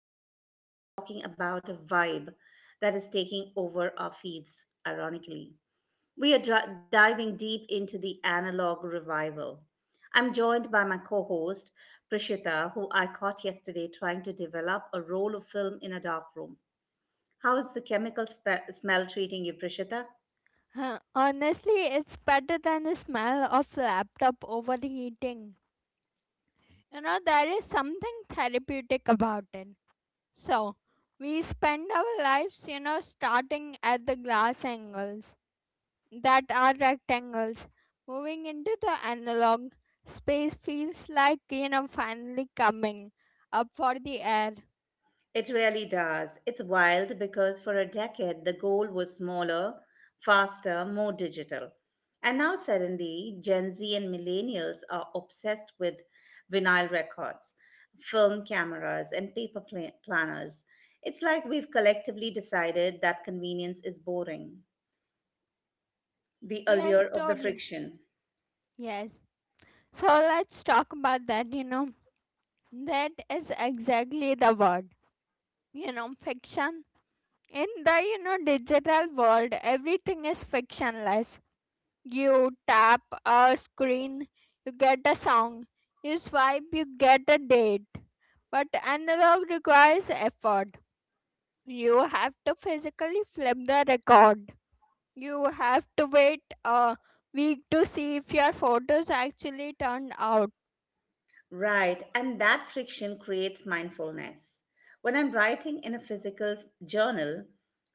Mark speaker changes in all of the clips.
Speaker 1: and today we are talking about a vibe that is taking over our feeds, ironically. We are diving deep into the analog revival. I'm joined by my co host, Prashita, who I caught yesterday trying to develop a roll of film in a dark room. How is the chemical smell treating you, Prashita?
Speaker 2: Honestly, it's better than the smell of laptop overheating. You know, there is something therapeutic about it. So, we spend our lives, starting at the glass angles that are rectangles, moving into the analog. Space feels like, finally coming up for the air.
Speaker 1: It really does. It's wild because for a decade the goal was smaller, faster, more digital. And now suddenly Gen Z and millennials are obsessed with vinyl records, film cameras, and paper planners. It's like we've collectively decided that convenience is boring, the allure
Speaker 2: Yes,
Speaker 1: of the
Speaker 2: totally.
Speaker 1: friction.
Speaker 2: Yes. So, let's talk about that. That is exactly the word fiction in the digital world, everything is fictionless. You tap a screen, you get a song, you swipe, you get a date, but analog requires effort. You have to physically flip the record, you have to wait a week to see if your photos actually turned out.
Speaker 1: Right, and that friction creates mindfulness. When I'm writing in a physical journal,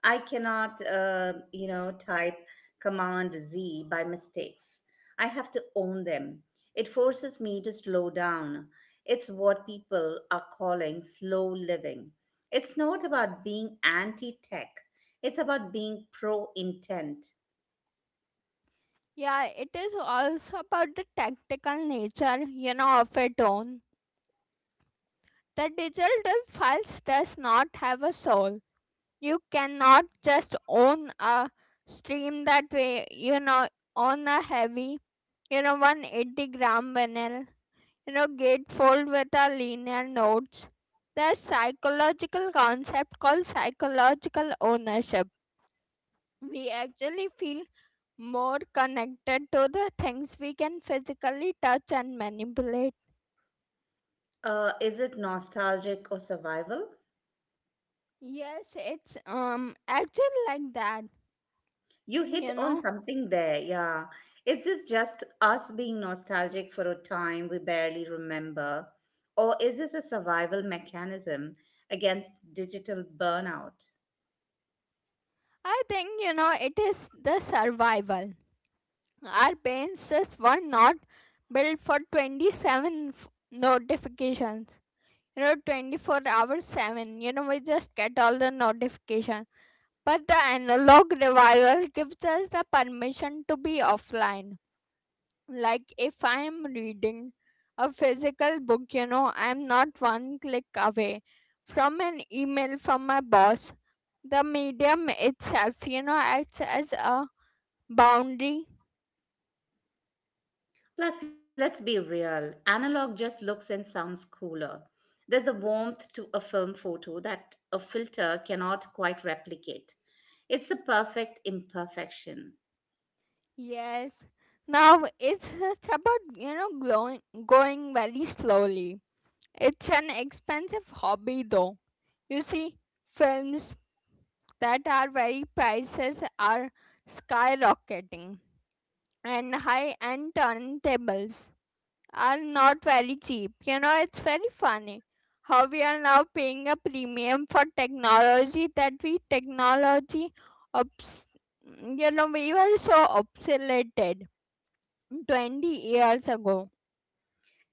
Speaker 1: I cannot, type Command Z by mistakes. I have to own them. It forces me to slow down. It's what people are calling slow living. It's not about being anti tech, it's about being pro intent.
Speaker 2: Yeah, it is also about the tactical nature of it own. The digital files does not have a soul. You cannot just own a stream that way, you know, on a heavy, you know, 180-gram vinyl, you know, gatefold with a linear nodes. There's psychological concept called psychological ownership. We actually feel more connected to the things we can physically touch and manipulate.
Speaker 1: Is it nostalgic or survival?
Speaker 2: Yes, it's actually like that,
Speaker 1: You hit
Speaker 2: you
Speaker 1: on
Speaker 2: know
Speaker 1: something there, yeah. Is this just us being nostalgic for a time we barely remember? Or is this a survival mechanism against digital burnout?
Speaker 2: I think, you know, it is the survival. Our brain systems were not built for notifications. You know, 24 hours 7. You know, we just get all the notifications. But the analog revival gives us the permission to be offline. Like, if I am reading a physical book, you know, I am not one click away from an email from my boss. The medium itself, you know, acts as a boundary.
Speaker 1: Plus, let's be real, analog just looks and sounds cooler. There's a warmth to a film photo that a filter cannot quite replicate. It's the perfect imperfection.
Speaker 2: Yes, now it's about you know glowing, going very slowly. It's an expensive hobby though, you see. Films that are very, prices are skyrocketing, and high end turntables are not very cheap, you know. It's very funny how we are now paying a premium for technology that we obs- you know, we were so obsolete 20 years ago.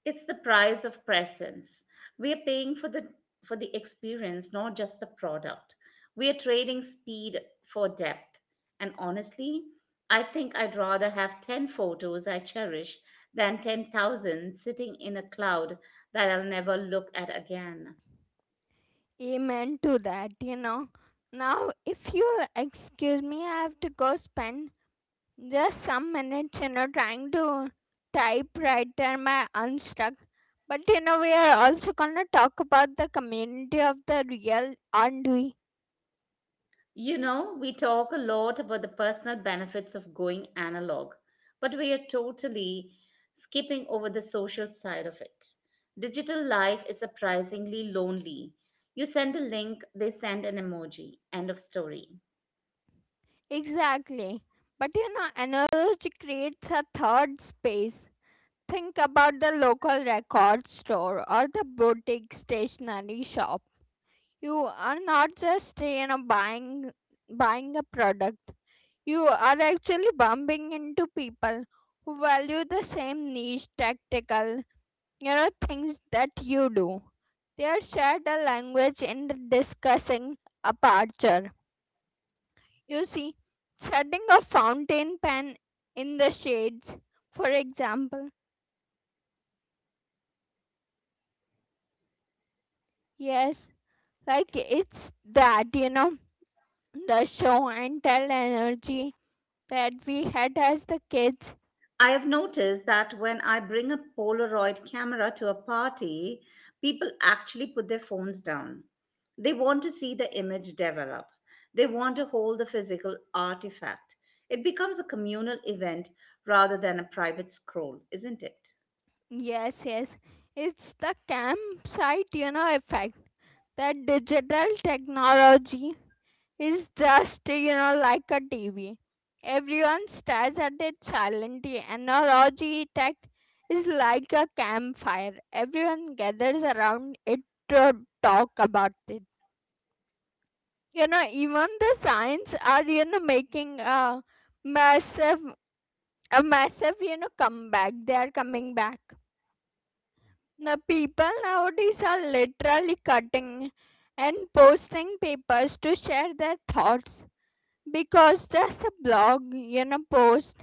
Speaker 1: It's the price of presence. We are paying for the experience, not just the product. We are trading speed for depth. And honestly, I think I'd rather have 10 photos I cherish than 10,000 sitting in a cloud that I'll never look at again.
Speaker 2: Amen to that. Now, if you excuse me, I have to go spend just some minutes, you know, trying to typewriter my unstuck. But you know, we are also gonna talk about the community of the real, aren't we?
Speaker 1: You know, we talk a lot about the personal benefits of going analog, but we are totally skipping over the social side of it. Digital life is surprisingly lonely. You send a link, they send an emoji. End of story.
Speaker 2: Exactly. But you know, analogy creates a third space. Think about the local record store or the boutique stationery shop. You are not just buying a product, you are actually bumping into people who value the same niche tactical things that you do. They share the language in the discussing aperture, you see, setting a fountain pen in the shades, for example. Yes, like it's that, you know, the show and tell energy that we had as the kids.
Speaker 1: I have noticed that when I bring a Polaroid camera to a party, people actually put their phones down. They want to see the image develop, they want to hold the physical artifact. It becomes a communal event rather than a private scroll, isn't it?
Speaker 2: Yes, yes. It's the campsite, you know, effect. That digital technology is just, you know, like a TV. Everyone stares at it silently, and our RG tech is like a campfire. Everyone gathers around it to talk about it. You know, even the science are, you know, making a massive, a massive you know, comeback. They are coming back. The people nowadays are literally cutting and posting papers to share their thoughts, because just a blog, you know, post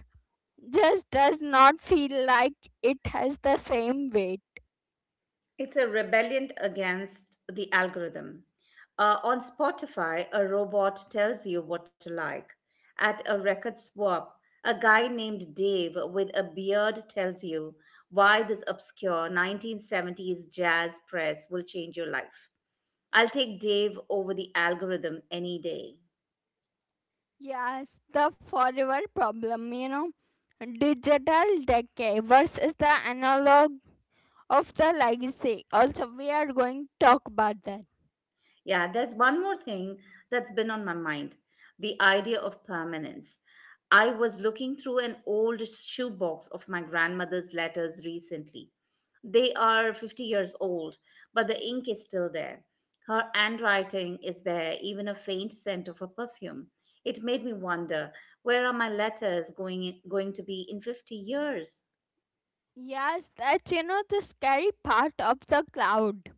Speaker 2: just does not feel like it has the same weight.
Speaker 1: It's a rebellion against the algorithm. On Spotify, a robot tells you what to like. At a record swap, a guy named Dave with a beard tells you why this obscure 1970s jazz press will change your life. I'll take Dave over the algorithm any day.
Speaker 2: Yes, the forever problem, you know, digital decay versus the analog of the legacy, also we are going to talk about that.
Speaker 1: Yeah, there's one more thing that's been on my mind: the idea of permanence. I was looking through an old shoebox of my grandmother's letters recently. They are 50 years old, but the ink is still there. Her handwriting is there, even a faint scent of her perfume. It made me wonder, where are my letters going to be in 50 years?
Speaker 2: Yes, that's you know the scary part of the cloud.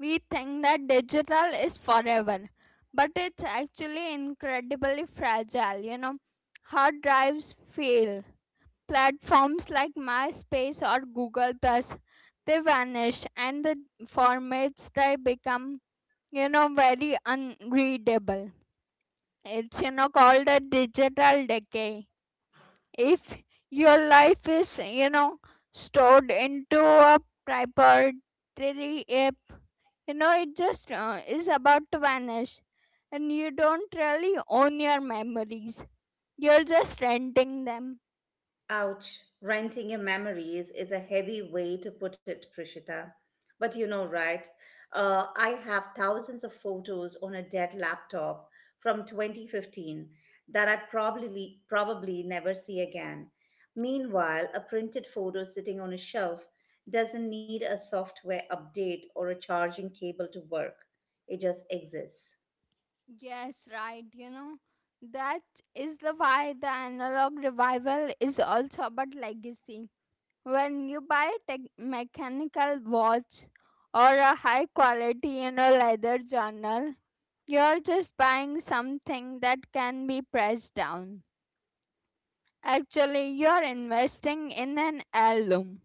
Speaker 2: We think that digital is forever, but it's actually incredibly fragile. You know, hard drives fail. Platforms like MySpace or Google Plus, they vanish, and the formats they become, you know, very unreadable. It's, you know, called a digital decay. If your life is, you know, stored into a proprietary app, you know, it just is about to vanish, and you don't really own your memories, you're just renting them.
Speaker 1: Ouch, renting your memories is a heavy way to put it, Prishita. But you know, right? I have thousands of photos on a dead laptop from 2015 that I probably never see again. Meanwhile, a printed photo sitting on a shelf doesn't need a software update or a charging cable to work. It just exists.
Speaker 2: Yes, right, you know, that is the why the analog revival is also about legacy. When you buy a tech mechanical watch or a high quality, you know, leather journal, you're just buying something that can be pressed down. Actually, you're investing in an heirloom.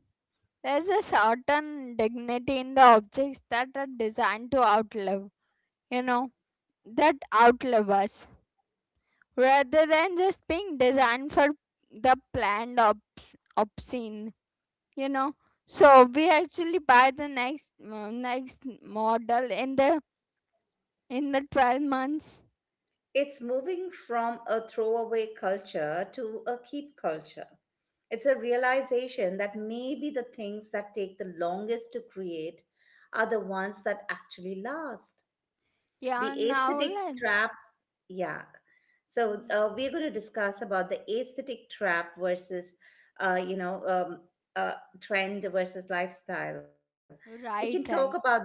Speaker 2: There's a certain dignity in the objects that are designed to outlive, you know, that outlive us, rather than just being designed for the obscene, you know. So we actually buy the next next model in the 12 months.
Speaker 1: It's moving from a throwaway culture to a keep culture. It's a realization that maybe the things that take the longest to create are the ones that actually last. The
Speaker 2: Yeah, now
Speaker 1: aesthetic
Speaker 2: let.
Speaker 1: trap, yeah. So
Speaker 2: Yeah.
Speaker 1: we're going to discuss about the aesthetic trap versus uh, you know um, uh, trend versus lifestyle. We can talk
Speaker 2: Right,
Speaker 1: about
Speaker 2: right.
Speaker 1: this,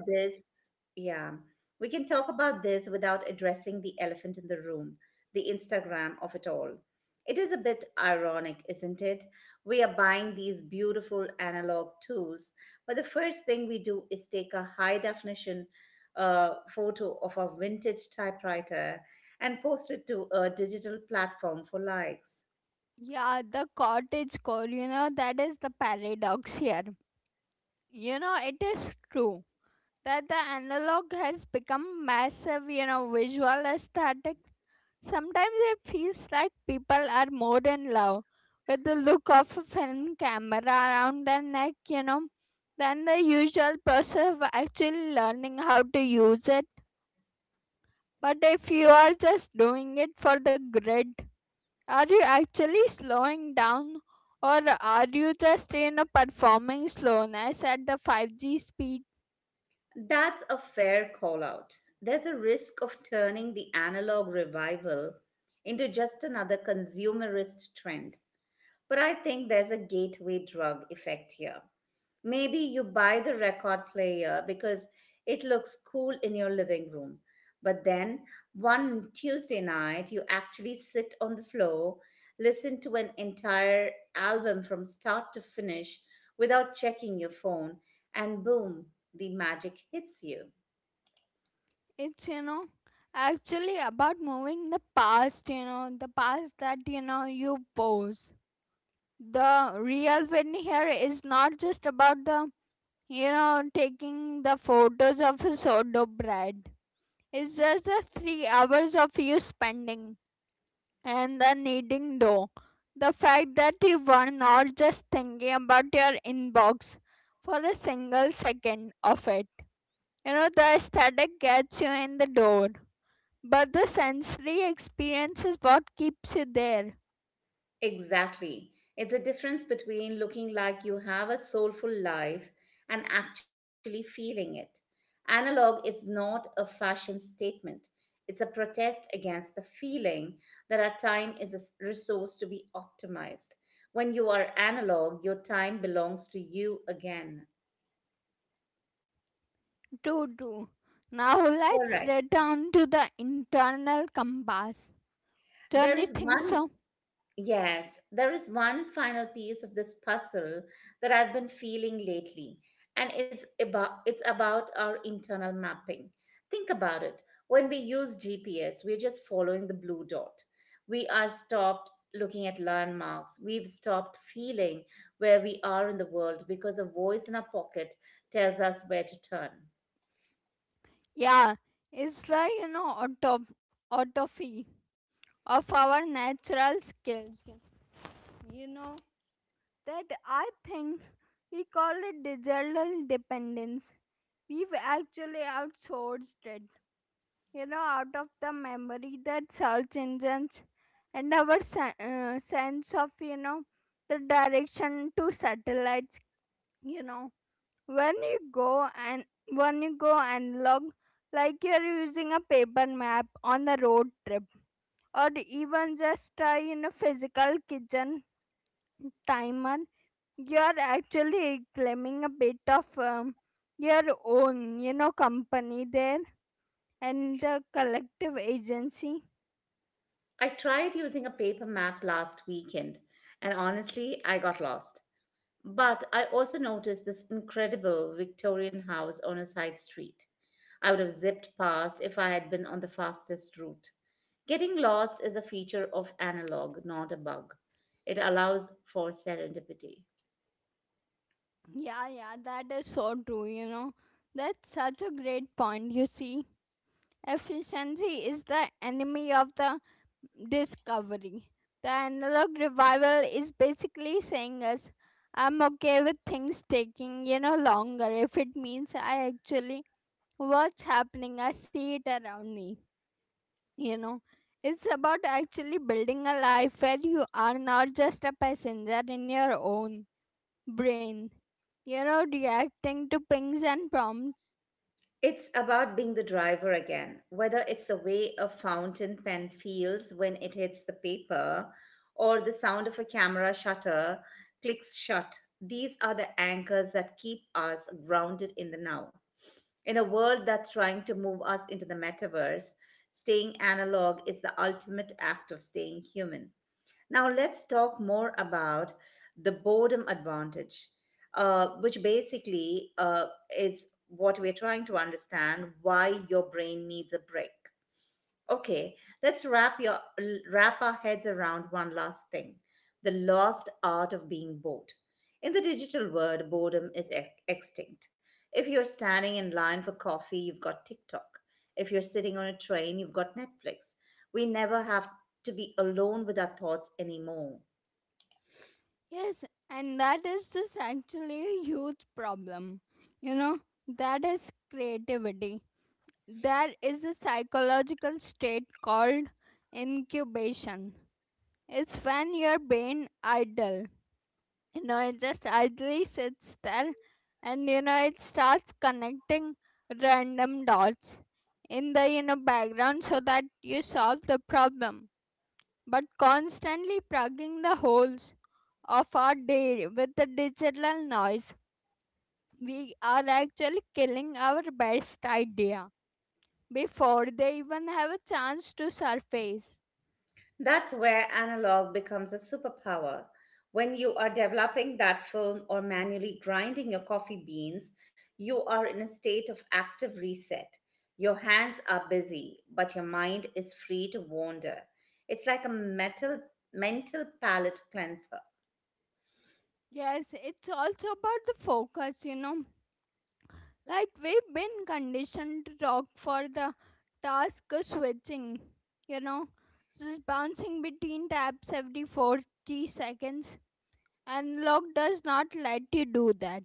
Speaker 1: yeah. We can talk about this without addressing the elephant in the room, the Instagram of it all. It is a bit ironic, isn't it? We are buying these beautiful analog tools, but the first thing we do is take a high definition a photo of a vintage typewriter and post it to a digital platform for likes.
Speaker 2: Yeah, the cottage core, you know, that is the paradox here. You know, it is true that the analog has become massive, you know, visual aesthetic. Sometimes it feels like people are more in love with the look of a film camera around their neck, you know, than the usual process of actually learning how to use it. But if you are just doing it for the grid, are you actually slowing down, or are you just in a performing slowness at the 5G speed?
Speaker 1: That's a fair call out. There's a risk of turning the analog revival into just another consumerist trend. But I think there's a gateway drug effect here. Maybe you buy the record player because it looks cool in your living room. But then one Tuesday night, you actually sit on the floor, listen to an entire album from start to finish without checking your phone, and boom, the magic hits you.
Speaker 2: It's, you know, actually about moving the past, you know, the past that, you know, you pose. The real win here is not just about the, you know, taking the photos of a sourdough bread. It's just the 3 hours of you spending and the kneading dough. The fact that you were not just thinking about your inbox for a single second of it. You know, the aesthetic gets you in the door, but the sensory experience is what keeps you there.
Speaker 1: Exactly. It's a difference between looking like you have a soulful life and actually feeling it. Analog is not a fashion statement, it's a protest against the feeling that our time is a resource to be optimized. When you are analog, your time belongs to you again.
Speaker 2: True, true. Now
Speaker 1: All
Speaker 2: let's
Speaker 1: right.
Speaker 2: return to the internal compass. Don't
Speaker 1: There
Speaker 2: you
Speaker 1: is
Speaker 2: think
Speaker 1: one
Speaker 2: so?
Speaker 1: Yes, there is one final piece of this puzzle that I've been feeling lately, and it's about our internal mapping. Think about it. When we use GPS, we're just following the blue dot. We are stopped looking at landmarks. We've stopped feeling where we are in the world because a voice in our pocket tells us where to turn.
Speaker 2: Yeah, it's the, you know, autopsy of our natural skills. You know, that I think we call it digital dependence. We've actually outsourced it, you know, out of the memory that search engines and our sense of, you know, the direction to satellites, you know. When you go and when you go and log, like you're using a paper map on a road trip, or even just a, you know, physical kitchen timer, you're actually reclaiming a bit of your own, you know, company there and the collective agency.
Speaker 1: I tried using a paper map last weekend, and honestly, I got lost. But I also noticed this incredible Victorian house on a side street. I would have zipped past if I had been on the fastest route. Getting lost is a feature of analog, not a bug. It allows for serendipity.
Speaker 2: Yeah, yeah, that is so true, you know, that's such a great point. You see, efficiency is the enemy of the discovery. The analog revival is basically saying us, I'm okay with things taking, you know, longer if it means I actually what's happening, I see it around me, you know. It's about actually building a life where you are not just a passenger in your own brain, you know, reacting to pings and prompts.
Speaker 1: It's about being the driver again, whether it's the way a fountain pen feels when it hits the paper or the sound of a camera shutter clicks shut. These are the anchors that keep us grounded in the now. In a world that's trying to move us into the metaverse, staying analog is the ultimate act of staying human. Now, let's talk more about the boredom advantage, which basically is what we're trying to understand: why your brain needs a break. Okay, let's wrap our heads around one last thing: the lost art of being bored. In the digital world, boredom is extinct. If you're standing in line for coffee, you've got TikTok. If you're sitting on a train, you've got Netflix. We never have to be alone with our thoughts anymore.
Speaker 2: Yes, and that is just actually a huge problem, you know, that is creativity. There is a psychological state called incubation. It's when your brain idle. No, it just idly sits there, and you know, it starts connecting random dots in the, you know, background so that you solve the problem. But constantly plugging the holes of our day with the digital noise, we are actually killing our best idea before they even have a chance to surface.
Speaker 1: That's where analog becomes a superpower. When you are developing that film or manually grinding your coffee beans, you are in a state of active reset. Your hands are busy, but your mind is free to wander. It's like a mental palate cleanser.
Speaker 2: Yes, it's also about the focus, you know. Like, we've been conditioned to talk for the task switching, you know, just bouncing between tabs every 40 seconds. And log does not let you do that.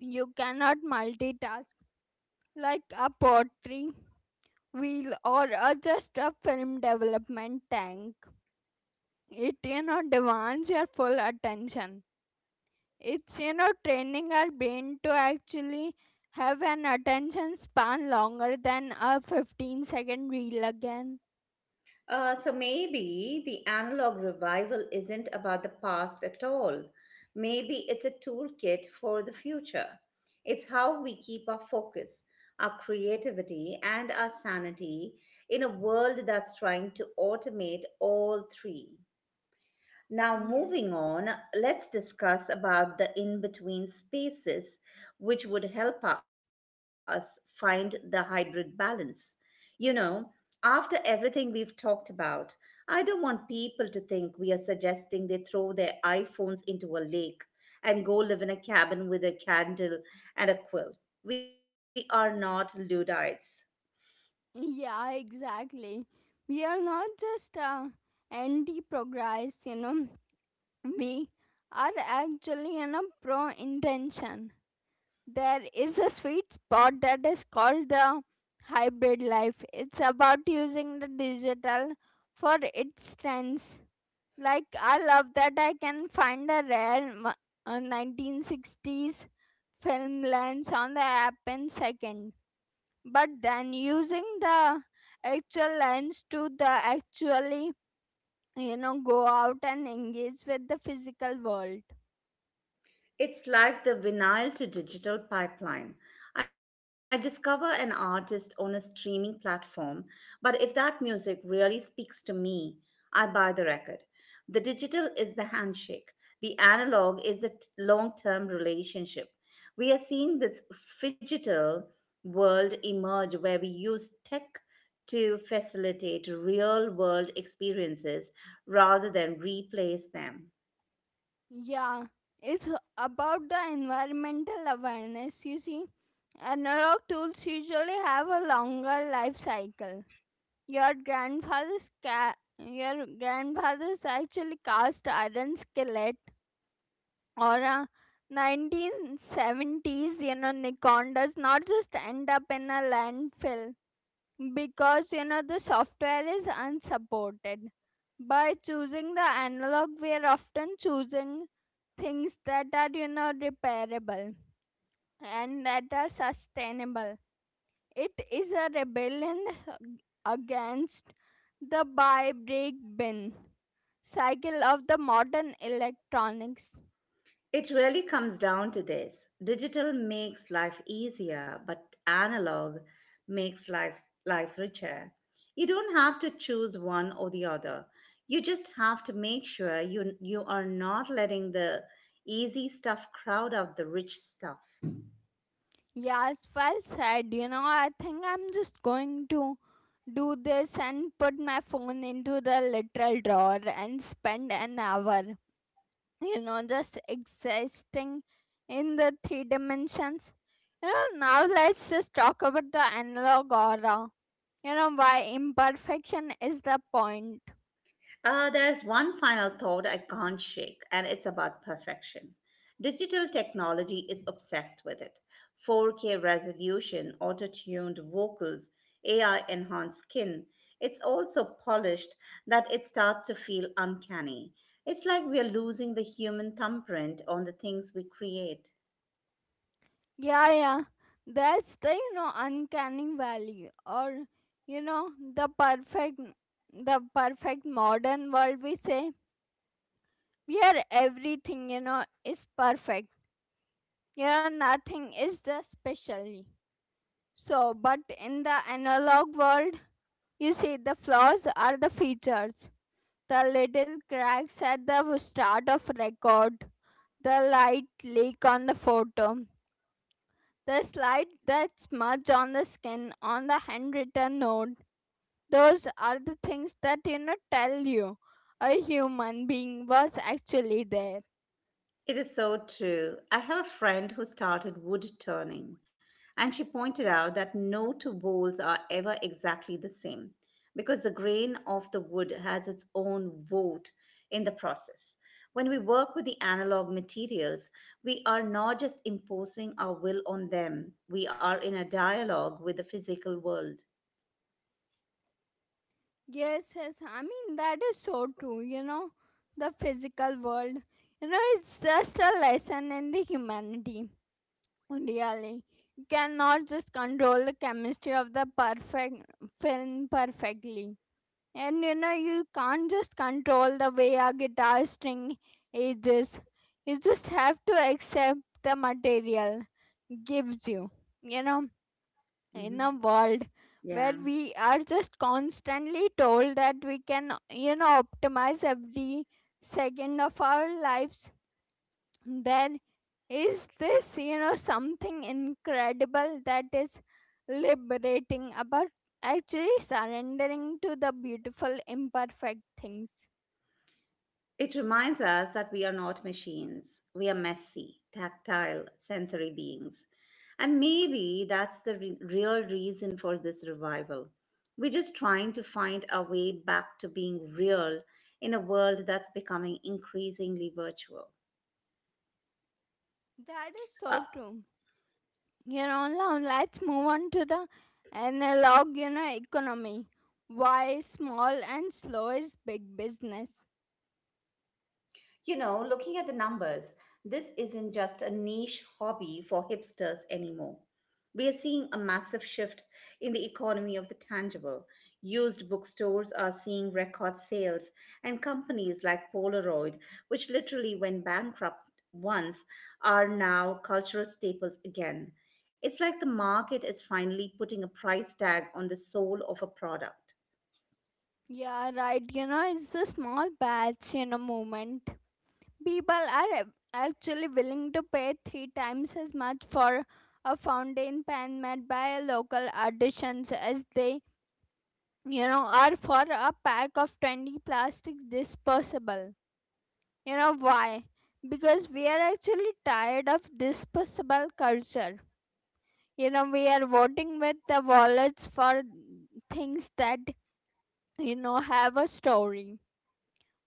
Speaker 2: You cannot multitask like a pottery wheel or a, just a film development tank. It, you know, demands your full attention. It's, you know, training our brain to actually have an attention span longer than a 15-second reel again.
Speaker 1: So maybe the analog revival isn't about the past at all. Maybe it's a toolkit for the future. It's how we keep our focus, our creativity, and our sanity in a world that's trying to automate all three. Now,
Speaker 2: Yeah.
Speaker 1: moving on, let's discuss about the in between spaces, which would help us find the hybrid balance. You know, after everything we've talked about, I don't want people to think we are suggesting they throw their iPhones into a lake and go live in a cabin with a candle and a quill. We are not Luddites.
Speaker 2: Yeah, exactly. We are not just anti progress, you know, we are actually, you know, pro intention. There is a sweet spot that is called the hybrid life. It's about using the digital for its strengths. Like, I love that I can find a rare 1960s film lens on the app in second. But then using the actual lens to the actually, you know, go out and engage with the physical world.
Speaker 1: It's like the vinyl to digital pipeline. I discover an artist on a streaming platform, but if that music really speaks to me, I buy the record. The digital is the handshake, the analog is a long term relationship. We are seeing this digital world emerge where we use tech to facilitate real world experiences rather than replace them.
Speaker 2: Yeah, it's about the environmental awareness, you see. Analog tools usually have a longer life cycle. Your your grandfather's actually cast iron skillet or a 1970s, you know, Nikon does not just end up in a landfill because, you know, the software is unsupported. By choosing the analog, we are often choosing things that are, you know, repairable and that are sustainable. It is a rebellion against the buy, break, bin cycle of the modern electronics.
Speaker 1: It really comes down to this. Digital makes life easier, but analog makes life richer. You don't have to choose one or the other. You just have to make sure you are not letting the easy stuff crowd out the rich stuff.
Speaker 2: Yes, well said. You know, I think I'm just going to do this and put my phone into the literal drawer and spend an hour, you know, just existing in the three dimensions. You know, now let's just talk about the analog aura. You know, why imperfection is the point.
Speaker 1: There's one final thought I can't shake, and it's about perfection. Digital technology is obsessed with it: 4K resolution, auto tuned vocals, AI enhanced skin. It's all so polished that it starts to feel uncanny. It's like we are losing the human thumbprint on the things we create.
Speaker 2: Yeah, yeah. That's the, you know, uncanny valley, or, you know, the perfect, the perfect modern world we say, where everything, you know, is perfect. You know, nothing is just specially. So, but in the analog world, you see the flaws are the features. The little cracks at the start of record. The light leak on the photo. The slide that smudge on the skin on the handwritten note, those are the things that tell you a human being was actually there.
Speaker 1: It is so true. I have a friend who started wood turning, and she pointed out that no two bowls are ever exactly the same because the grain of the wood has its own vote in the process. When we work with the analog materials, we are not just imposing our will on them, we are in a dialogue with the physical world.
Speaker 2: Yes, I mean that is so true, you know. The physical world, you know, it's just a lesson in the humanity, really. You cannot just control the chemistry of the perfect film perfectly, and you know you can't just control the way a guitar string ages. You just have to accept the material gives you, you know, in a
Speaker 1: Hmm.
Speaker 2: world where
Speaker 1: Yeah.
Speaker 2: we are just constantly told that we can, you know, optimize every second of our lives, there is this, you know, something incredible that is liberating about actually surrendering to the beautiful, imperfect things.
Speaker 1: It reminds us that we are not machines. We are messy, tactile, sensory beings. And maybe that's the real reason for this revival. We're just trying to find our way back to being real in a world that's becoming increasingly virtual.
Speaker 2: That is so true. You know, now let's move on to the analog, you know, economy. Why small and slow is big business?
Speaker 1: You know, looking at the numbers, this isn't just a niche hobby for hipsters anymore. We are seeing a massive shift in the economy of the tangible. Used bookstores are seeing record sales, and companies like Polaroid, which literally went bankrupt once, are now cultural staples again. It's like the market is finally putting a price tag on the soul of a product.
Speaker 2: Yeah, right. You know, it's the small batch, you know, movement. People are actually willing to pay three times as much for a fountain pen made by a local artisans as they, you know, are for a pack of 20 plastic disposable. You know why? Because we are actually tired of disposable culture. You know, we are voting with the wallets for things that, you know, have a story.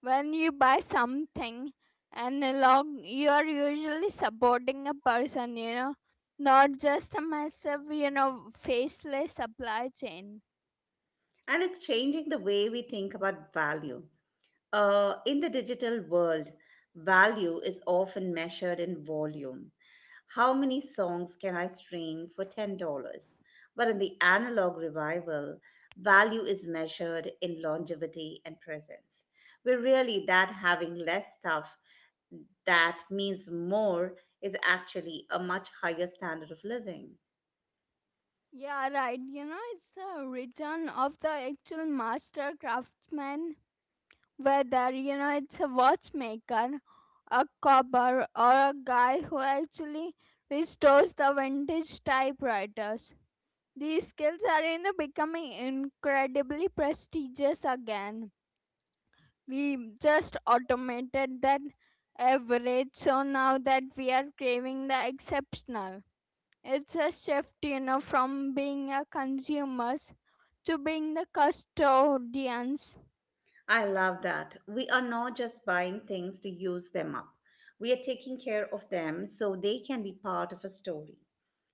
Speaker 2: When you buy something analog, you are usually supporting a person, you know, not just a massive, you know, faceless supply chain.
Speaker 1: And it's changing the way we think about value. In the digital world, value is often measured in volume. How many songs can I stream for $10? But in the analog revival, value is measured in longevity and presence. We're really that having less stuff that means more is actually a much higher standard of living.
Speaker 2: Yeah, right. You know, it's the return of the actual master craftsman, whether, you know, it's a watchmaker, a cobber, or a guy who actually restores the vintage typewriters. These skills are, you know, becoming incredibly prestigious again. We just automated that average, so now that we are craving the exceptional, it's a shift, you know, from being a consumers to being the custodians.
Speaker 1: I love that. We are not just buying things to use them up. We are taking care of them so they can be part of a story.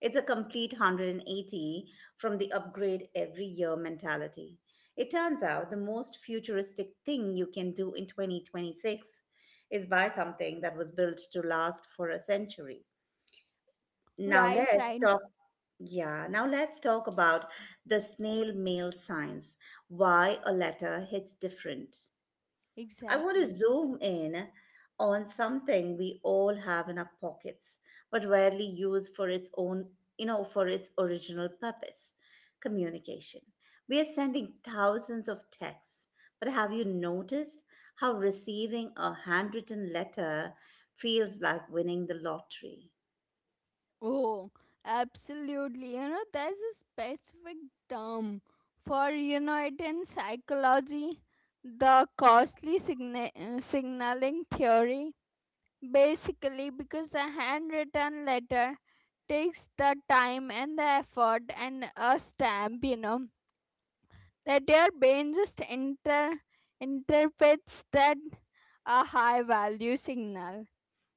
Speaker 1: It's a complete 180 from the upgrade every year mentality. It turns out the most futuristic thing you can do in 2026 is buy something that was built to last for a century. Now
Speaker 2: Right,
Speaker 1: let's
Speaker 2: right.
Speaker 1: talk yeah, now let's talk about the snail mail science. Why a letter hits different. I want to
Speaker 2: Exactly.
Speaker 1: zoom in on something we all have in our pockets, but rarely use for its own, for its original purpose communication. We are sending thousands of texts, but have you noticed how receiving a handwritten letter feels like winning the lottery?
Speaker 2: Oh, absolutely. You know, there's a specific term for, you know, it in psychology: the signaling theory. Basically, because a handwritten letter takes the time and the effort and a stamp, you know, that your brain just interprets that a high value signal.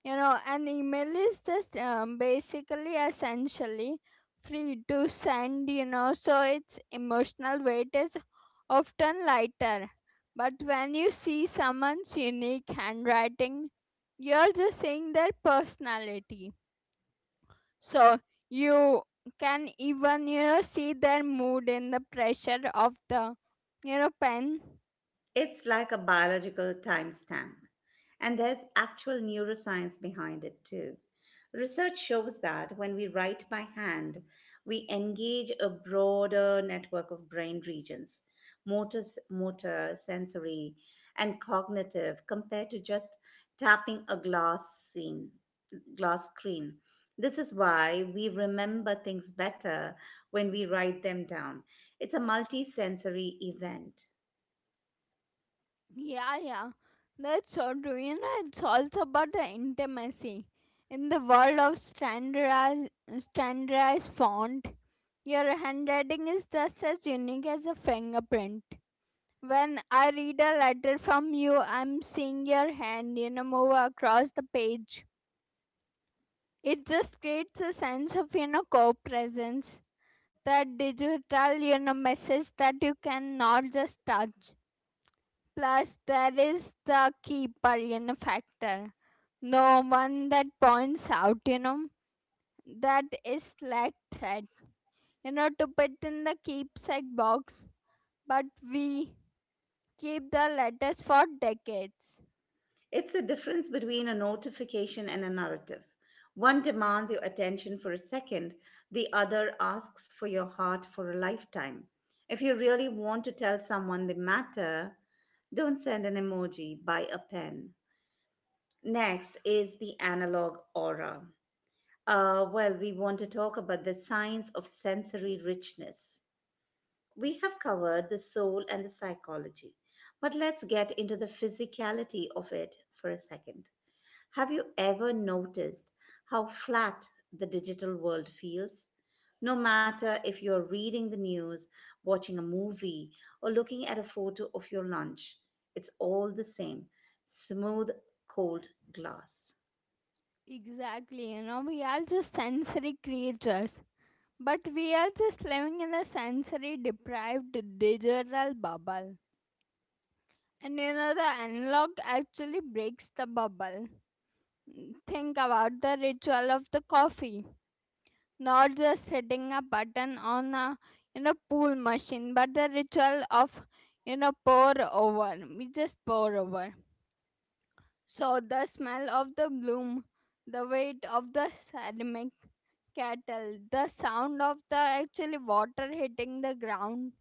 Speaker 2: You know, an email is just basically essentially free to send, you know, so its emotional weight is often lighter. But when you see someone's unique handwriting, you're just seeing their personality. So you can even, you know, see their mood in the pressure of the, you know, pen.
Speaker 1: It's like a biological timestamp, and there's actual neuroscience behind it too. Research shows that when we write by hand, we engage a broader network of brain regions, motor sensory, and cognitive, compared to just tapping a scene, glass screen. This is why we remember things better when we write them down. It's a multisensory event.
Speaker 2: Yeah, that's so true. You know, it's also about the intimacy. In the world of standardized font, your handwriting is just as unique as a fingerprint. When I read a letter from you, I'm seeing your hand, you know, move across the page. It just creates a sense of, you know, co presence. That digital, you know, message that you cannot just touch. Plus, there is the keeper, you know, factor. No one that points out, you know, that is like thread, you know, to put in the keepsake box. But we keep the letters for decades.
Speaker 1: It's the difference between a notification and a narrative. One demands your attention for a second, the other asks for your heart for a lifetime. If you really want to tell someone the matter, don't send an emoji, buy a pen. Next is the analog aura. Well, we want to talk about the science of sensory richness. We have covered the soul and the psychology, but let's get into the physicality of it for a second. Have you ever noticed how flat the digital world feels? No matter if you're reading the news, watching a movie, or looking at a photo of your lunch, it's all the same smooth, cold glass.
Speaker 2: Exactly, you know, we are just sensory creatures. But we are just living in a sensory deprived digital bubble. And you know, the analog actually breaks the bubble. Think about the ritual of the coffee, not just hitting a button on a, you know, pool machine, but the ritual of, you know, pour over. We just pour over. So the smell of the bloom, the weight of the ceramic kettle, the sound of the actually water hitting the ground.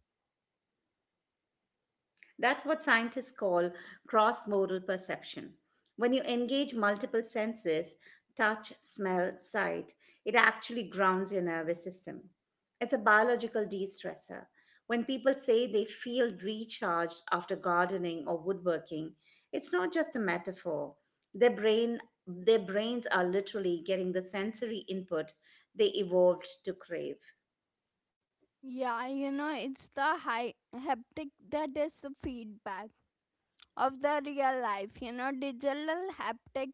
Speaker 1: That's what scientists call cross modal perception. When you engage multiple senses touch, smell, sight it actually grounds your nervous system. It's a biological de stressor. When people say they feel recharged after gardening or woodworking, it's not just a metaphor. Their brain their brains are literally getting the sensory input they evolved to crave.
Speaker 2: Yeah, you know, it's the high haptic that is the feedback of the real life. You know, digital haptic,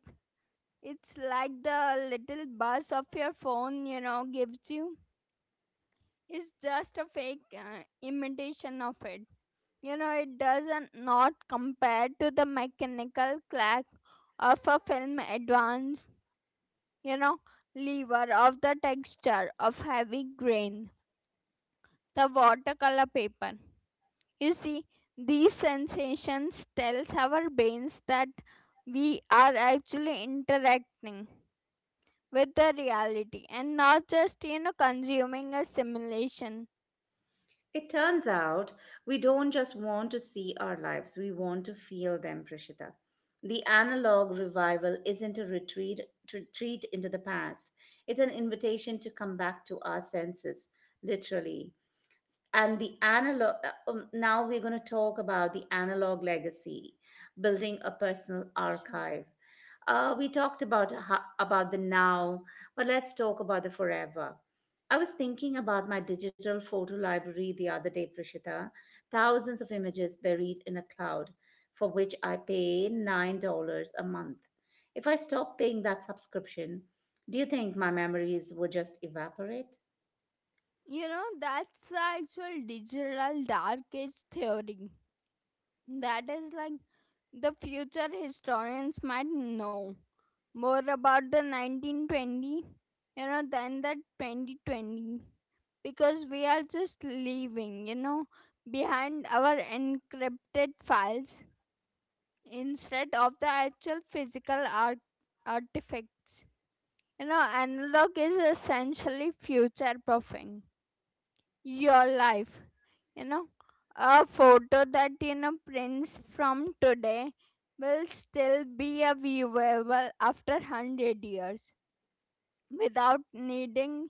Speaker 2: it's like the little buzz of your phone, you know, gives you. It's just a fake imitation of it. You know, it doesn't not compare to the mechanical clack of a film advance, you know, lever of the texture of heavy grain, the watercolor paper. You see, these sensations tells our brains that we are actually interacting with the reality and not just, you know, consuming a simulation.
Speaker 1: It turns out we don't just want to see our lives, we want to feel them, Prishita. The analog revival isn't a retreat into the past, it's an invitation to come back to our senses, literally. And the analog now we're going to talk about the analog legacy building a personal
Speaker 2: Sure.
Speaker 1: archive. We talked about about the now, but let's talk about the forever. I was thinking about my digital photo library the other day, Prishita. Thousands of images buried in a cloud for which I pay $9 a month. If I stop paying that subscription, do you think my memories would just evaporate?
Speaker 2: You know, that's the actual digital dark age theory, that is like the future historians might know more about the 1920 you know than the 2020, because we are just leaving, you know, behind our encrypted files instead of the actual physical artifacts. You know, analog is essentially future proofing your life. You know, a photo that you know prints from today will still be a viewable after 100 years without needing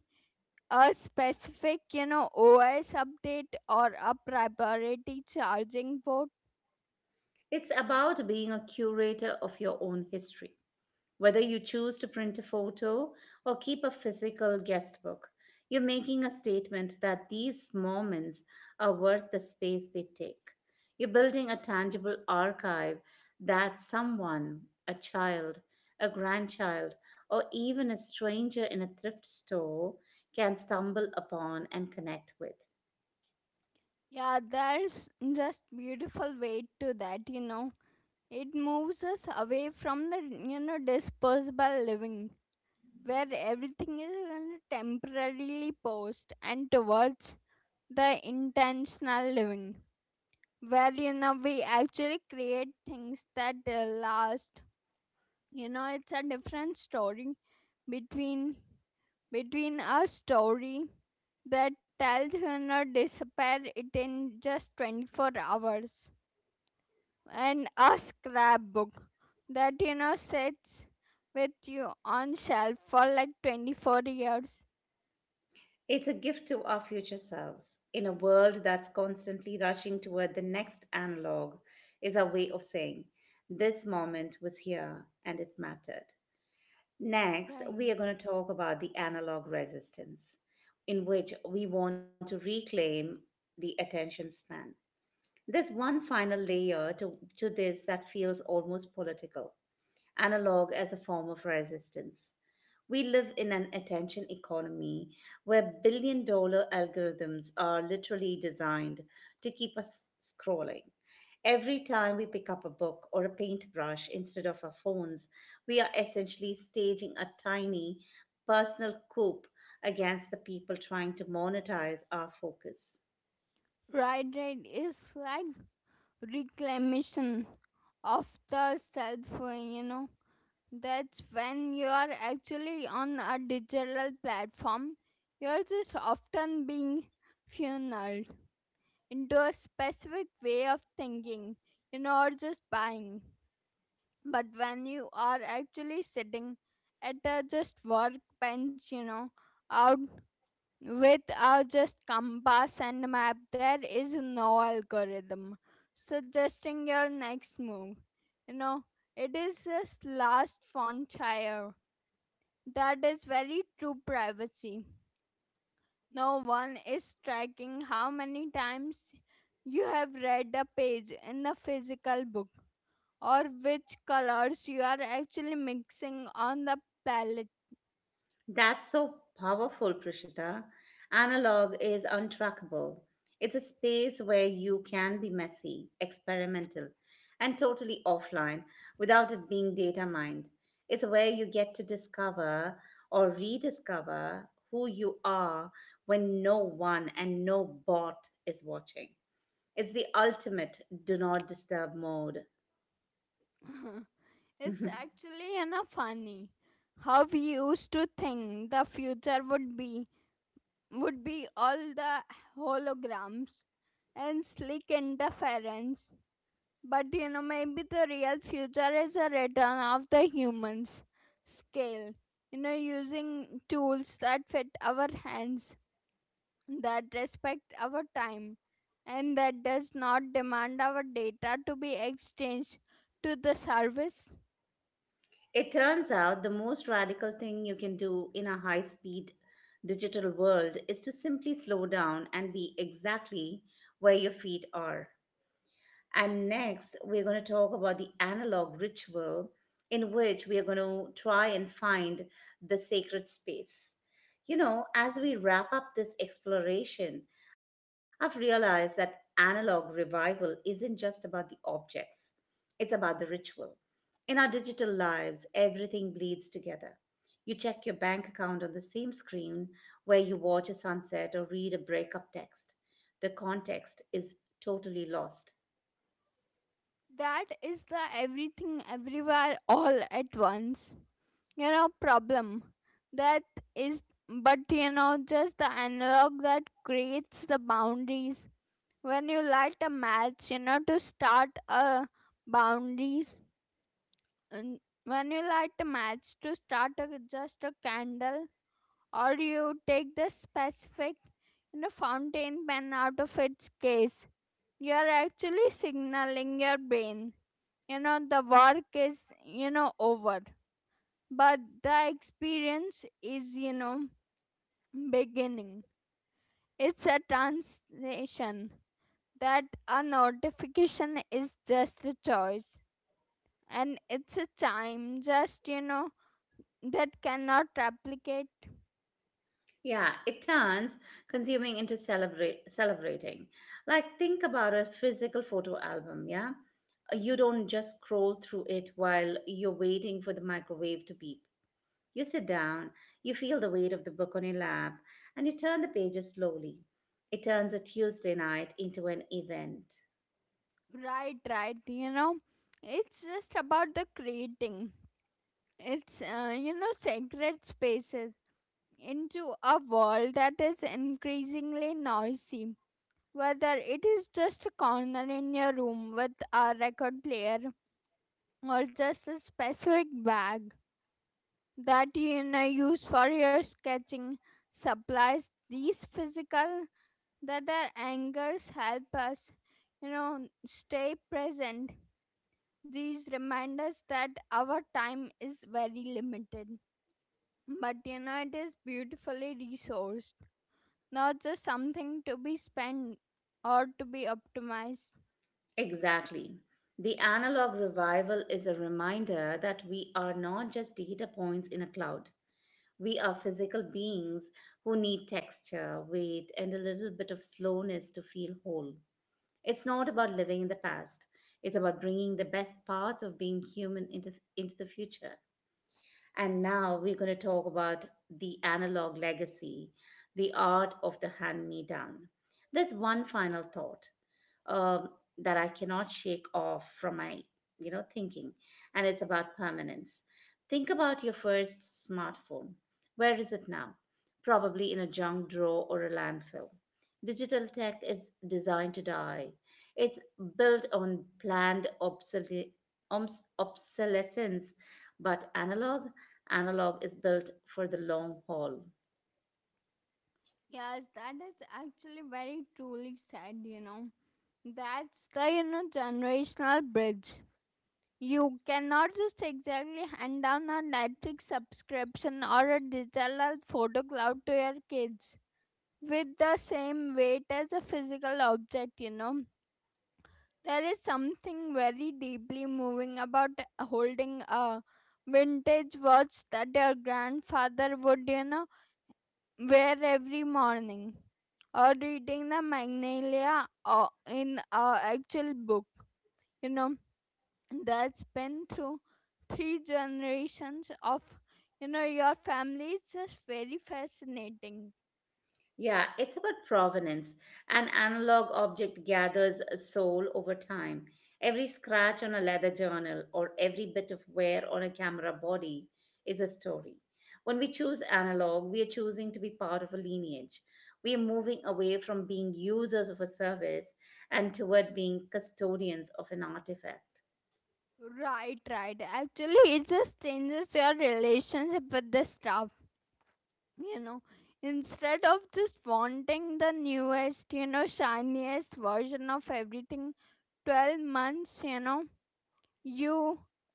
Speaker 2: a specific, you know, OS update or a priority charging port.
Speaker 1: It's about being a curator of your own history. Whether you choose to print a photo or keep a physical guestbook, you're making a statement that these moments are worth the space they take. You're building a tangible archive that someone, a child, a grandchild, or even a stranger in a thrift store can stumble upon and connect with.
Speaker 2: Yeah, there's just beautiful weight to that, you know. It moves us away from the, you know, disposable living where everything is gonna temporarily paused and towards the intentional living where you know we actually create things that last. You know, it's a different story between between a story that tells you know disappear it in just 24 hours and a scrapbook that you know sits with you on shelf for like 24 years.
Speaker 1: It's a gift to our future selves. In a world that's constantly rushing toward the next analog, is our way of saying, this moment was here and it mattered. Next, we
Speaker 2: Right.
Speaker 1: are going to talk about the analog resistance, in which we want to reclaim the attention span. There's one final layer to this that feels almost political. Analog as a form of resistance. We live in an attention economy where billion-dollar algorithms are literally designed to keep us scrolling. Every time we pick up a book or a paintbrush instead of our phones, we are essentially staging a tiny personal coup against the people trying to monetize our focus.
Speaker 2: Right. It's like reclamation of the self, you know. That's when you are actually on a digital platform, you're just often being funneled into a specific way of thinking, you know, or just buying. But when you are actually sitting at a just workbench, you know, out without just compass and map, there is no algorithm suggesting your next move. You know, it is this last frontier that is very true privacy. No one is tracking how many times you have read a page in a physical book or which colors you are actually mixing on the palette.
Speaker 1: That's so powerful, Prishita. Analog is untrackable. It's a space where you can be messy, experimental, and totally offline without it being data mined. It's where you get to discover or rediscover who you are when no one and no bot is watching. It's the ultimate do not disturb mode.
Speaker 2: It's actually, you know, funny how we used to think the future would be, would be all the holograms and slick interference. But you know maybe the real future is a return of the humans scale. You know, using tools that fit our hands, that respect our time, and that does not demand our data to be exchanged to the service.
Speaker 1: It turns out the most radical thing you can do in a high speed digital world is to simply slow down and be exactly where your feet are. And next, we're going to talk about the analog ritual in which we are going to try and find the sacred space. You know, as we wrap up this exploration, I've realized that analog revival isn't just about the objects, it's about the ritual in our digital lives, everything bleeds together. You check your bank account on the same screen where you watch a sunset or read a breakup text. The context is totally lost.
Speaker 2: That is the everything everywhere all at once, you know, problem. That is, but you know, just the analog that creates the boundaries. When you light a match, you know, to start a boundaries, and when you light a match to start a, just a candle, or you take the specific, you know, fountain pen out of its case, you are actually signaling your brain, you know, the work is, you know, over, but the experience is, you know, beginning. It's a translation that a notification is just a choice, and it's a time just, you know, that cannot replicate.
Speaker 1: Yeah, it turns consuming into celebrating. Like, think about a physical photo album, yeah? You don't just scroll through it while you're waiting for the microwave to beep. You sit down, you feel the weight of the book on your lap, and you turn the pages slowly. It turns a Tuesday night into an event.
Speaker 2: Right, right. You know, it's just about the creating. It's you know sacred spaces into a world that is increasingly noisy. Whether it is just a corner in your room with a record player or just a specific bag that you know, use for your sketching supplies, these physical that our angers help us, you know, stay present. These remind us that our time is very limited, but you know, it is beautifully resourced, not just something to be spent or to be optimized.
Speaker 1: Exactly. The analog revival is a reminder that we are not just data points in a cloud. We are physical beings who need texture, weight, and a little bit of slowness to feel whole. It's not about living in the past, it's about bringing the best parts of being human into the future. And now we're going to talk about the analog legacy, the art of the hand me down. There's one final thought um, that I cannot shake off from my thinking, and it's about permanence. Think about your first smartphone. Where is it now? Probably in a junk drawer or a landfill. Digital tech is designed to die. It's built on planned obsolescence. But analog analog is built for the long haul.
Speaker 2: Yes, that is actually very truly said, you know. That's the, you know, generational bridge. You cannot just exactly hand down a Netflix subscription or a digital photo cloud to your kids with the same weight as a physical object, you know. There is something very deeply moving about holding a vintage watch that your grandfather would, you know, where every morning, or reading the magnolia or in our actual book, you know, that's been through three generations of, you know, your family is just very fascinating.
Speaker 1: Yeah, it's about provenance. An analog object gathers a soul over time. Every scratch on a leather journal or every bit of wear on a camera body is a story. When we choose analog, we are choosing to be part of a lineage. We are moving away from being users of a service and toward being custodians of an artifact.
Speaker 2: Right, right. Actually, it just changes your relationship with the stuff, you know. Instead of just wanting the newest, you know, shiniest version of everything 12 months, you know, you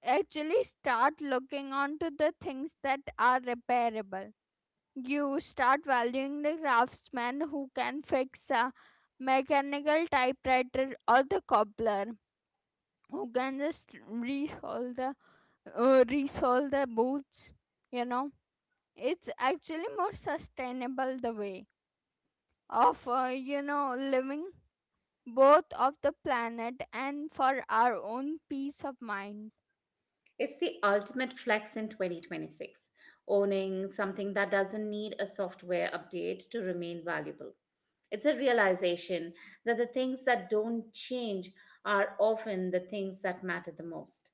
Speaker 2: actually start looking onto the things that are repairable. You start valuing the craftsman who can fix a mechanical typewriter or the cobbler who can just resolve the resolve the boots. You know, it's actually more sustainable the way of you know living both of the planet and for our own peace of mind.
Speaker 1: It's the ultimate flex in 2026, owning something that doesn't need a software update to remain valuable. It's a realization that the things that don't change are often the things that matter the most.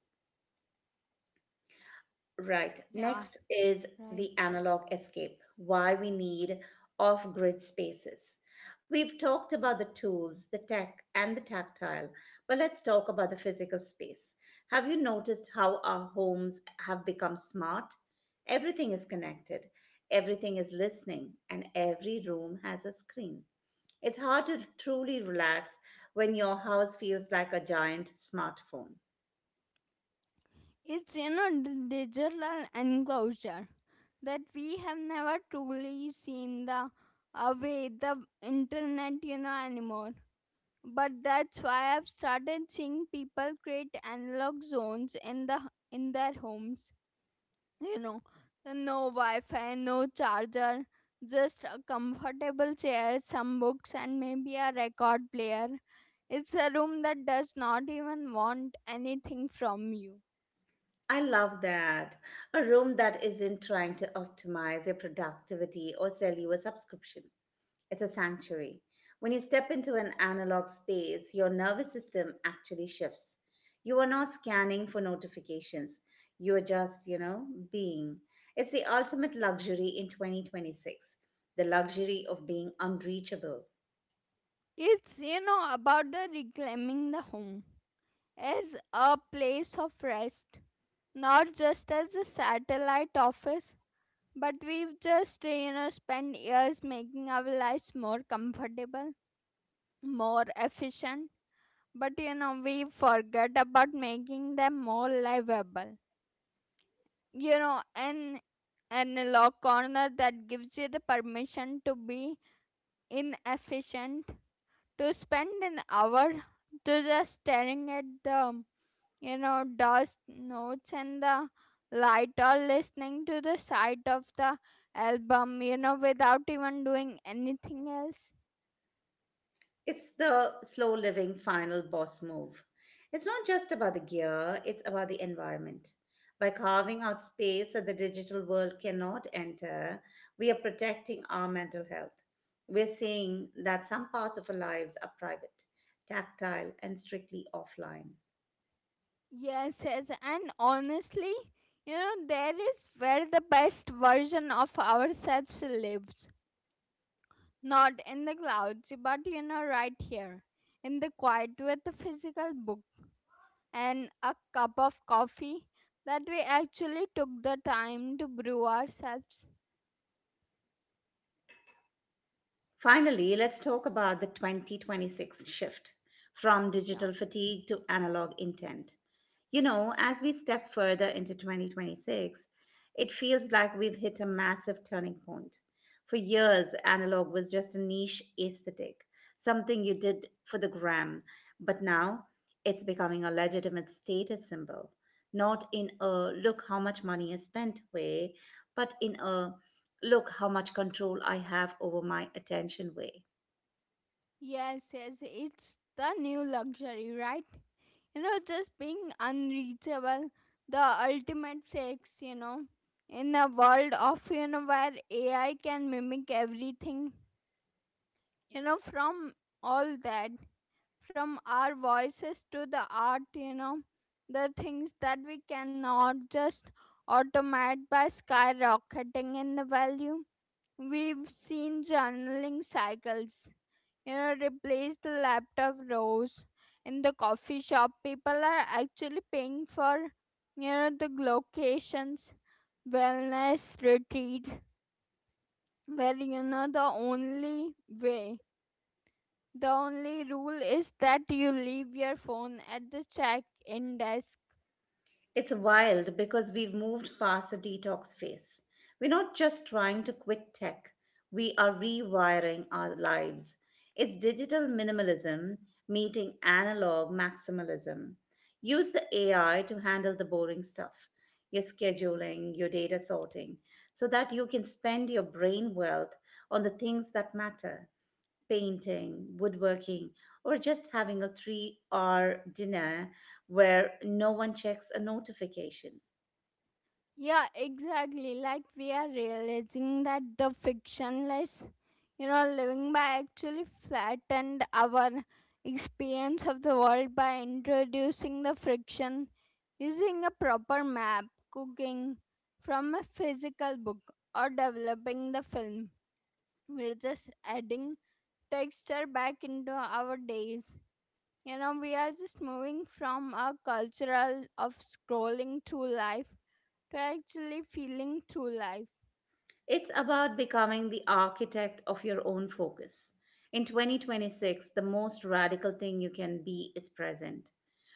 Speaker 1: Right.
Speaker 2: Yeah,
Speaker 1: Next is
Speaker 2: right.
Speaker 1: the analog escape, why we need off grid spaces. We've talked about the tools, the tech, and the tactile, but let's talk about the physical space. Have you noticed how our homes have become smart? Everything is connected, everything is listening, and every room has a screen. It's hard to truly relax when your house feels like a giant smartphone.
Speaker 2: It's in a digital enclosure that we have never truly seen the away the internet, you know, anymore. But that's why I've started seeing people create analog zones in the in their homes. You know, no Wi-Fi, no charger, just a comfortable chair, some books, and maybe a record player. It's a room that does not even want anything from you.
Speaker 1: I love that. A room that isn't trying to optimize your productivity or sell you a subscription. It's a sanctuary. When you step into an analog space, your nervous system actually shifts. You are not scanning for notifications. You are just, being. It's the ultimate luxury in 2026, the luxury of being unreachable.
Speaker 2: It's, you know, about the reclaiming the home as a place of rest, not just as a satellite office. But we've just, you know, spent years making our lives more comfortable, more efficient. But, you know, we forget about making them more livable. You know, an analog corner that gives you the permission to be inefficient, to spend an hour to just staring at the, you know, dust notes and the light or listening to the sight of the album, you know, without even doing anything else.
Speaker 1: It's the slow living final boss move. It's not just about the gear, it's about the environment. By carving out space that the digital world cannot enter, we are protecting our mental health. We're saying that some parts of our lives are private, tactile, and strictly offline.
Speaker 2: Yes, yes, and honestly, you know, there is where the best version of ourselves lives. Not in the clouds, but you know, right here, in the quiet with the physical book and a cup of coffee that we actually took the time to brew ourselves.
Speaker 1: Finally, let's talk about the 2026 shift from
Speaker 2: Sure.
Speaker 1: digital fatigue to analog intent. You know, as we step further into 2026, it feels like we've hit a massive turning point. For years, analog was just a niche aesthetic, something you did for the gram, but now it's becoming a legitimate status symbol. Not in a look how much money is spent way, but in a look how much control I have over my attention way.
Speaker 2: Yes, it's the new luxury, right? You know, just being unreachable, the ultimate sex, you know, in a world of, you know, where AI can mimic everything, you know, from all that, from our voices to the art, you know, the things that we cannot just automate by skyrocketing in the value. We've seen journaling cycles, you know, replace the laptop rows in the coffee shop. People are actually paying for, you know, the locations wellness retreat where you know the only way, the only rule is that you leave your phone at the check-in desk.
Speaker 1: It's wild because we've moved past the detox phase. We're not just trying to quit tech, we are rewiring our lives. It's digital minimalism meeting analog maximalism. Use the AI to handle the boring stuff, your scheduling, your data sorting, so that you can spend your brain wealth on the things that matter painting, woodworking, or just having a 3-hour dinner where no one checks a notification.
Speaker 2: Yeah, exactly. Like we are realizing that the fictionless, you know, living by actually flattened our experience of the world by introducing the friction, using a proper map, cooking from a physical book, or developing the film. We're just adding texture back into our days. You know, we are just moving from a cultural of scrolling through life to actually feeling through life.
Speaker 1: It's about becoming the architect of your own focus. In 2026, the most radical thing you can be is present.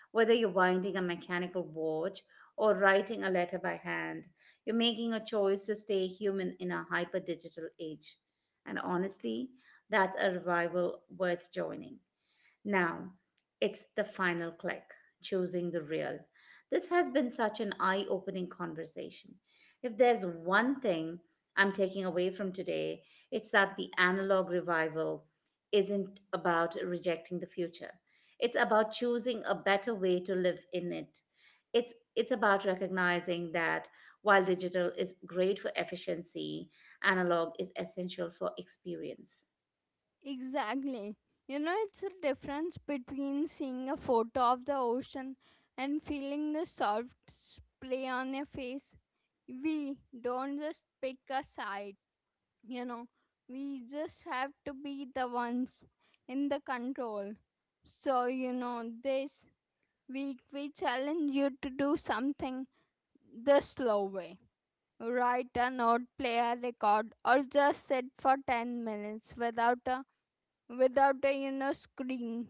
Speaker 1: Whether you're winding a mechanical watch or writing a letter by hand, you're making a choice to stay human in a hyper digital age. And honestly, that's a revival worth joining. Now, it's the final click, choosing the real. This has been such an eye opening conversation. If there's one thing I'm taking away from today, it's that the analog revival isn't about rejecting the future. It's about choosing a better way to live in it. It's about recognizing that while digital is great for efficiency, analog is essential for experience.
Speaker 2: Exactly. You know, it's a difference between seeing a photo of the ocean and feeling the soft spray on your face. We don't just pick a side, you know, we just have to be the ones in the control. So, you know, this week we challenge you to do something the slow way. Write a note, play a record, or just sit for 10 minutes without a without a you know screen.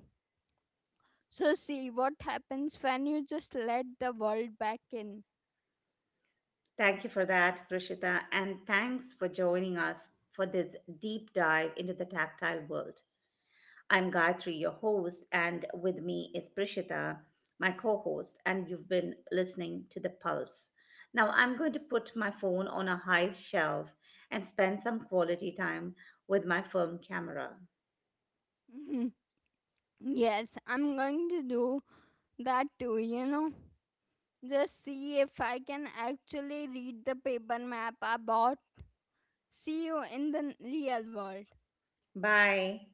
Speaker 2: So see what happens when you just let the world back in.
Speaker 1: Thank you for that, Prashita, and thanks for joining us for this deep dive into the tactile world. I'm Gayatri, your host, and with me is Prashita, my co host, and you've been listening to The Pulse. Now, I'm going to put my phone on a high shelf and spend some quality time with my film camera.
Speaker 2: Mhm. Yes, I'm going to do that too, you know. Just see if I can actually read the paper map I bought. See you in the real world.
Speaker 1: Bye.